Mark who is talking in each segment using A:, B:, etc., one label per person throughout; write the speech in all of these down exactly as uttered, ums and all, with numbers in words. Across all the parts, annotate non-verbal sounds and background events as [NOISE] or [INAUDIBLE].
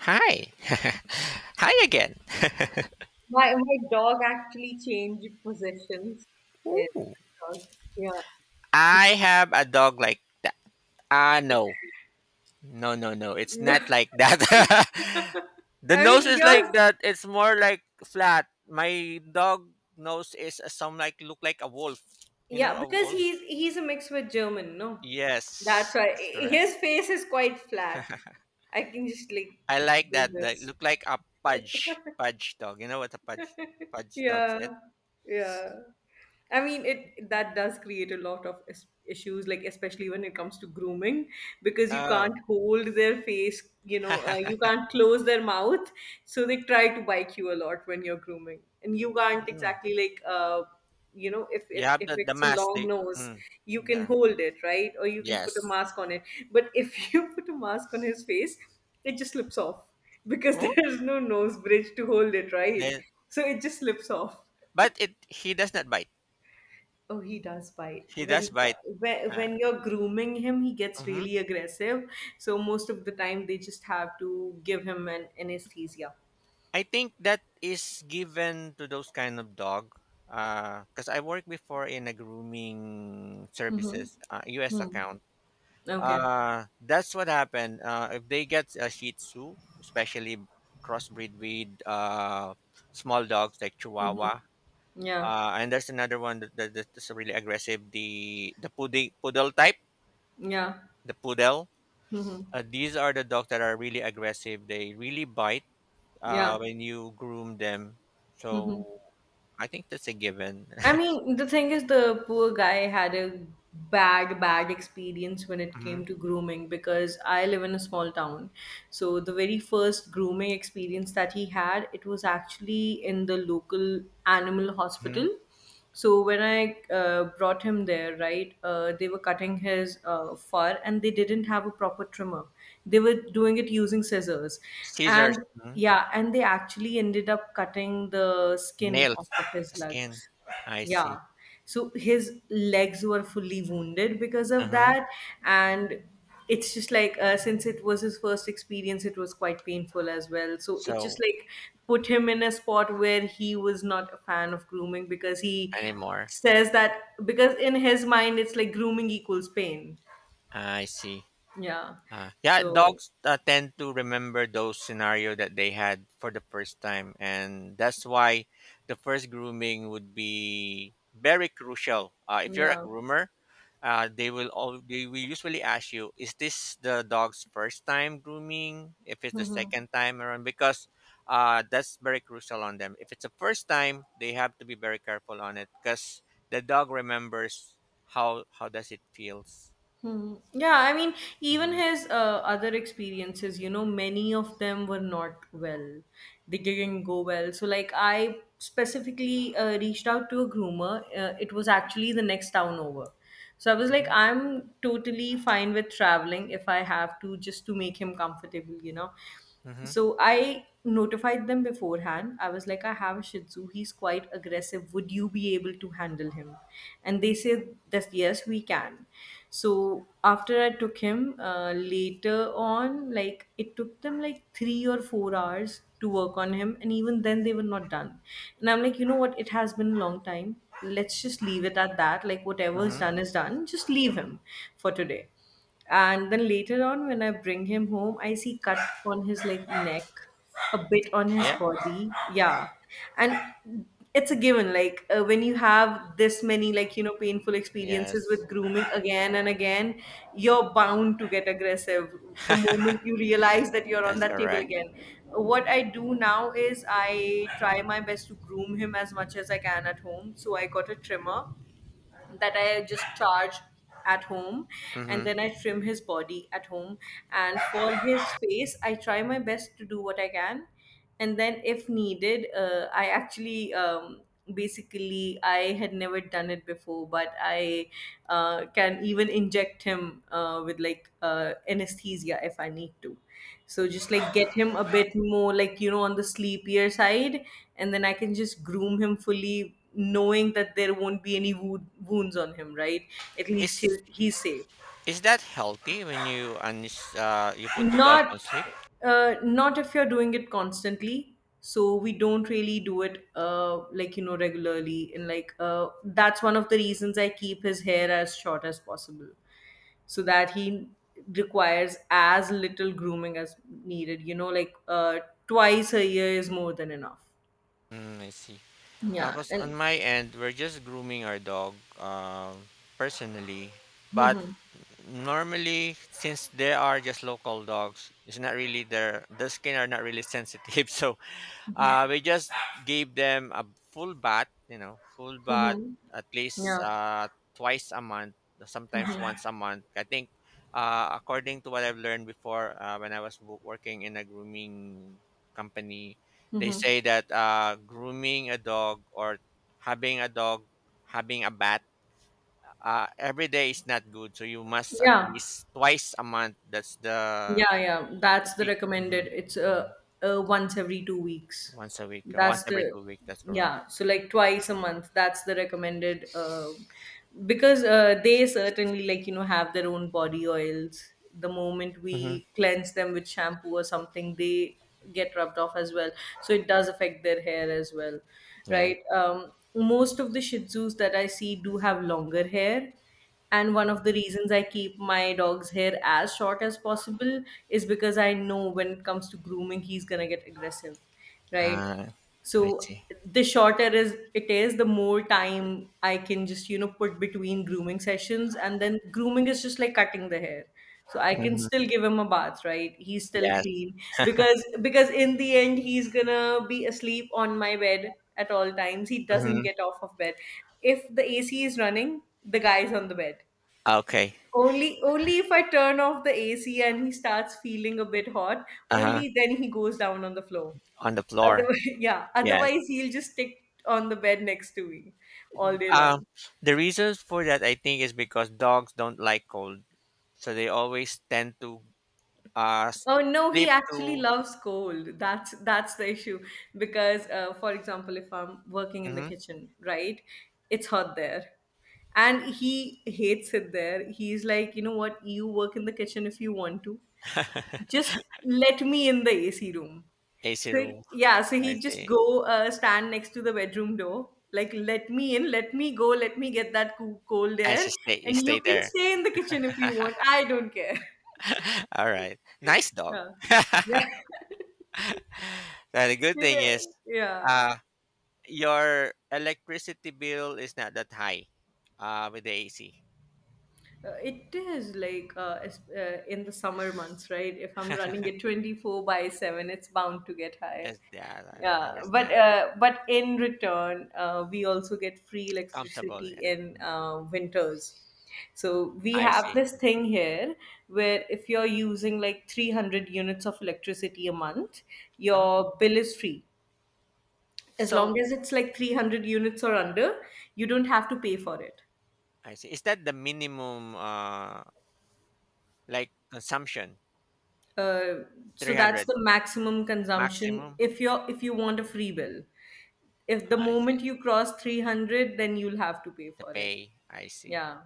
A: Hi. [LAUGHS] Hi again. [LAUGHS]
B: My my dog actually changed positions. Yeah,
A: Ooh.
B: my dog.
A: I have a dog like that. Ah, no. No, no, no. It's not
B: Yeah.
A: like that. [LAUGHS]
B: [LAUGHS]
A: The
B: I
A: nose
B: mean,
A: is
B: yours,
A: like that. It's more like flat. My dog nose is uh, some like look like a wolf. You know,
B: yeah,
A: a
B: because
A: wolf?
B: he's he's a mix with German, no? That's
A: Yes.
B: why
A: That's
B: I-
A: correct.
B: his face is quite flat. I can just like
A: I like
B: do
A: that. That
B: this.
A: look like a pudge. Pudge dog. You know what a pudge
B: [LAUGHS]
A: pudge dog
B: Yeah,
A: is?
B: yeah. I mean, it that does create a lot of is- issues, like especially when it comes to grooming, because you
A: Oh.
B: can't hold their face, you know, uh, you
A: [LAUGHS]
B: can't close their mouth, so they try to bite you a lot when you're grooming, and you can't
A: Mm.
B: exactly like, uh, you know, if
A: You
B: it
A: have
B: if
A: the, the
B: it's a
A: mask.
B: long
A: They,
B: nose,
A: mm,
B: you can
A: the,
B: hold it, right, or you can put a
A: yes.
B: mask on it, but if [LAUGHS] you put a mask on his face, it just slips off because [LAUGHS]
A: Oh,
B: there's no nose bridge to hold it, right,
A: then
B: so it just slips off.
A: but it he does not bite.
B: Oh, he does bite.
A: He does
B: When
A: bite.
B: when
A: Uh,
B: when you're grooming him, he gets
A: mhm.
B: really aggressive. So most of the time, they just have to give him an anesthesia.
A: I think that is given to those kind of dog. Because I worked before in a grooming services uh, U S
B: Hmm.
A: account.
B: Okay.
A: Uh, that's what happened. Uh, if they get a Shih Tzu, especially crossbreed with uh, small dogs like Chihuahua,
B: Yeah.
A: uh, and there's another one that, that, that's really aggressive. The the pudding, poodle type,
B: Yeah.
A: the poodle.
B: Hmm.
A: Uh, these are the dogs that are really aggressive. They really bite
B: Yeah.
A: uh, when you groom them. So
B: Mm-hmm.
A: I think that's a given.
B: I
A: [LAUGHS]
B: mean, the thing is, the poor guy had a bad, bad experience when it
A: Hmm.
B: came to grooming because I live in a small town. So, the very first grooming experience that he had, it was actually in the local animal
A: Hmm.
B: hospital. So, when I uh, brought him there, right, uh, they were cutting his uh, fur and they didn't have a proper trimmer. They were doing it using scissors.
A: Scissors.
B: And
A: Hmm
B: yeah, and they actually ended up cutting the skin
A: nails,
B: off of his
A: skin.
B: legs.
A: I
B: Yeah.
A: see.
B: So his legs were fully wounded because of
A: Hmm.
B: that. And it's just like, uh, since it was his first experience, it was quite painful as well. So it just
A: So
B: like put him in a spot where he was not a fan of grooming because he
A: anymore.
B: says that, because in his mind, it's like grooming equals pain.
A: I see.
B: Yeah.
A: Uh, yeah,
B: So,
A: dogs uh, tend to remember those scenario that they had for the first time, and that's why the first grooming would be very crucial. Uh, if you're a
B: yeah.
A: groomer, uh, they will all they will usually ask you, "Is this the dog's first time grooming? If it's the second
B: [LAUGHS]
A: time around, because uh, that's very crucial on them. If it's the first time, they have to be very careful on it because the dog remembers how how does it feels.
B: Hmm. Yeah, I mean, even
A: Hmm.
B: his uh, other experiences, you know, many of them were not well. They didn't go well. So, like, I specifically uh, reached out to a groomer. Uh, it was actually the next town over. So, I was like, I'm totally fine with traveling if I have to, just to make him comfortable, you know.
A: Hmm.
B: So, I notified them beforehand. I was like, I have a Shih Tzu. He's quite aggressive. Would you be able to handle him? And they said that, yes, we can. So after I took him, uh, later on, like it took them like three or four hours to work on him, and even then they were not done. And I'm like, you know what? It has been a long time. Let's just leave it at that. Like whatever is
A: Hmm.
B: done is done. Just leave him for today. And then later on, when I bring him home, I see cut on his like neck, a bit on his
A: Yeah. [GASPS]
B: body. Yeah. And it's a given. Like uh, when you have this many like, you know, painful experiences
A: Yes,
B: with grooming again and again, you're bound to get aggressive the moment you realize that you're on
A: that's
B: that table
A: correct.
B: again. What I do now is I try my best to groom him as much as I can at home. So I got a trimmer that I just charge at home, and
A: Mm-hmm.
B: then I trim his body at home. And for his face, I try my best to do what I can. And then, if needed, uh, I actually um, basically I had never done it before, but I uh, can even inject him uh, with like uh, anesthesia if I need to. So just like get him a bit more like you know on the sleepier side, and then I can just groom him fully knowing that there won't be any wo- wounds on him, right? At least he,
A: Is
B: he's safe.
A: is that healthy when you uns- uh you put the dog
B: Not,
A: on sleep?
B: uh, not if you're doing it constantly. So we don't really do it, uh, like you know, regularly. And like, uh, that's one of the reasons I keep his hair as short as possible, so that he requires as little grooming as needed. You know, like uh, twice a year is more than enough.
A: Mm, I see.
B: Yeah,
A: Because on
B: and.
A: my end, we're just grooming our dog um, personally. But
B: Hmm.
A: normally, since they are just local dogs, it's not really their the skin are not really sensitive. [LAUGHS] So
B: Hmm.
A: Uh, we just gave them a full bath, you know, full bath
B: Hmm.
A: at least
B: Yeah.
A: uh, twice a month, sometimes
B: Hmm.
A: once a month. I think, uh, according to what I've learned before, uh, when I was wo- working in a grooming company, they
B: Hmm.
A: say that uh, grooming a dog or having a dog, having a bath uh, every day is not good. So you must at
B: Yeah,
A: least twice a month. That's the,
B: yeah, yeah.
A: the
B: That's the
A: peak.
B: recommended.
A: Mhm.
B: It's uh,
A: Mhm.
B: uh once every two weeks.
A: Once a week, or once
B: That's
A: every
B: the
A: two weeks. That's correct.
B: yeah. So like twice a month. That's the recommended. Uh, because uh, they certainly like you know have their own body oils. The moment
A: Mhm.
B: we cleanse them with shampoo or something, they get rubbed off as well. So it does affect their hair as well,
A: Yeah.
B: right? Um, most of the Shih Tzus that I see do have longer hair. And one of the reasons I keep my dog's hair as short as possible is because I know when it comes to grooming, he's gonna get aggressive, right?
A: Uh, I
B: So
A: see.
B: the shorter is it is, the more time I can just, you know, put between grooming sessions. And then grooming is just like cutting the hair. So I can
A: Hmm.
B: still give him a bath, right? He's still
A: Yes.
B: clean. Because because in the end he's gonna be asleep on my bed at all times. He doesn't
A: Hmm.
B: get off of bed. If the A C is running, the guy's on the bed.
A: Okay.
B: Only only if I turn off the A C and he starts feeling a bit hot,
A: Uh huh.
B: only then he goes down on the floor.
A: On the floor.
B: Otherwise, [LAUGHS] yeah.
A: Yes.
B: Otherwise, he'll just stick on the bed next to me all day
A: Um,
B: long.
A: the reasons for that I think is because dogs don't like cold, so they always tend to uh s-
B: Oh no, he
A: sleep
B: actually
A: to
B: loves cold. That's that's the issue because, uh, for example, if I'm working in the
A: hmm
B: kitchen, right, it's hot there, and he hates it there. He's like, you know what? You work in the kitchen if you want to,
A: [LAUGHS]
B: just let me in the A C room.
A: A C
B: So
A: room.
B: yeah, so
A: I
B: he'd just
A: see.
B: go uh, stand next to the bedroom door, like let me in, let me go, let me get that coo- cold
A: And
B: air,
A: she stay, you
B: and you
A: stay
B: can
A: there.
B: stay in the kitchen if you want. I don't care. [LAUGHS]
A: [LAUGHS] All right. Nice dog.
B: Yeah,
A: Now, the good thing
B: yeah,
A: is,
B: [LAUGHS] yeah.
A: uh, your electricity bill is not that high, uh, with the A C.
B: Uh, it is like uh, es- uh, In the summer months, right? If I'm running it twenty-four by seven, it's bound to get high.
A: As that I
B: Yeah, but
A: understand.
B: uh, but in return, uh, we also get free
A: Comfortable,
B: electricity
A: yeah.
B: in
A: Mhm.
B: uh, winters. So we
A: I
B: have
A: see.
B: this thing here where if you're using like three hundred units of electricity a month,
A: Oh,
B: your bill is free. As
A: so
B: long as it's like three hundred units or under, you don't have to pay for it.
A: I see. Is that the minimum, uh, like consumption?
B: Uh, so that's
A: three hundred
B: the maximum consumption
A: maximum?
B: if you're if you want a free bill. If the
A: I see.
B: moment you cross three hundred, then you'll have to pay
A: The
B: for it.
A: pay, I see.
B: Yeah.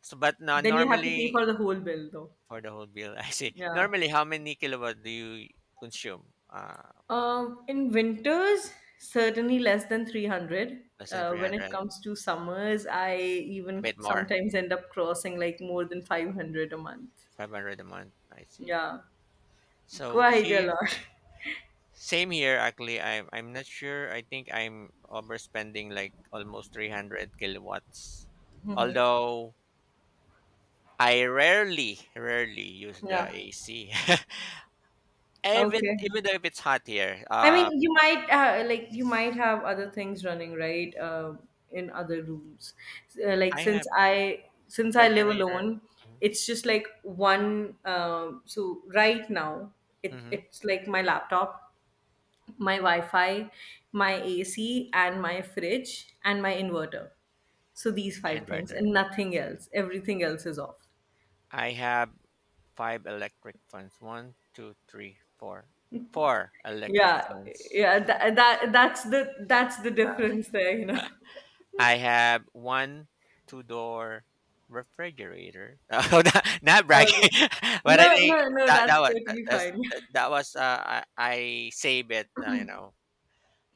A: So, but now
B: Then you have to pay
A: normally
B: for the whole bill though.
A: for the whole bill. [LAUGHS] I see.
B: Yeah.
A: Normally, how many kilowatt do you consume? Uh,
B: Um, in winters, certainly less than three hundred.
A: less than
B: Uh, when it
A: three hundred,
B: comes to summers, I
A: a
B: even
A: bit more,
B: sometimes end up crossing like more than five hundred a month.
A: five hundred a month. I see.
B: Yeah,
A: So
B: quite a
A: here.
B: lot. [LAUGHS]
A: Same here, actually. I'm I'm not sure. I think I'm overspending like almost three hundred kilowatts.
B: Mhm.
A: Although I rarely, rarely use the
B: Yeah.
A: A C. [LAUGHS] even
B: Okay.
A: even though if it's hot here,
B: I mean,
A: uh,
B: you might uh, like you might have other things running right uh, in other rooms. Uh, like
A: I have
B: since I since I live
A: refrigerator,
B: alone,
A: mm-hmm.
B: it's just like one. Um so right now, it
A: Mm-hmm,
B: it's like my laptop, my Wi-Fi, my A C, and my fridge and my inverter. So these five things
A: inverter.
B: and nothing else. Everything else is off.
A: I have five electric fans. One, two, three, four. Four electric
B: Yeah,
A: fans.
B: yeah. That, that that's the that's the difference there. You know. [LAUGHS]
A: I have one two door refrigerator. [LAUGHS] Oh, not, not bragging.
B: Okay.
A: [LAUGHS] But I
B: No,
A: think
B: no, no,
A: that that
B: that's
A: was that,
B: totally
A: that's,
B: fine.
A: that,
B: [LAUGHS]
A: that was uh, I, I save it, uh, you know,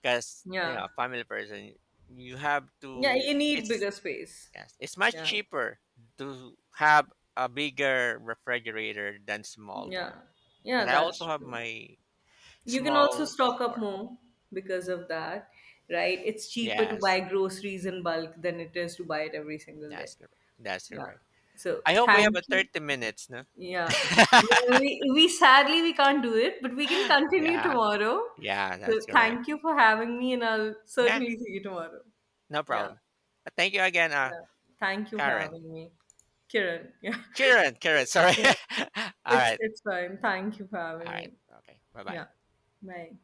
A: because you know,
B: Yeah.
A: a family person, you have
B: Yeah,
A: to.
B: you need
A: It's,
B: bigger space.
A: yes, it's much
B: Yeah.
A: cheaper to have a bigger refrigerator than small
B: Yeah.
A: one,
B: Yeah,
A: and I also
B: that's
A: have
B: true.
A: my
B: You can also
A: small
B: stock up
A: store.
B: more because of that, right? It's cheaper to
A: Yes,
B: buy groceries in bulk than it is to buy it every single day.
A: that's correct. That's
B: Yeah.
A: correct.
B: So
A: I hope we have
B: thank
A: a
B: you.
A: thirty minutes. No.
B: Yeah. Well, We, we sadly we can't do it, but we can
A: [GASPS]
B: continue
A: Yeah.
B: tomorrow.
A: Yeah,
B: So
A: that's correct.
B: thank you for having me and I'll
A: Yeah,
B: certainly see you tomorrow.
A: no
B: Yeah.
A: problem. But thank you again, uh,
B: Yeah. Thank you for
A: Karen.
B: having me. Kiran. [LAUGHS] Yeah.
A: Karen, Karen, sorry.
B: Yeah.
A: [LAUGHS] All
B: It's
A: right,
B: it's fine. Thank you for
A: all
B: having
A: right.
B: me.
A: Okay, bye bye.
B: Yeah. Bye.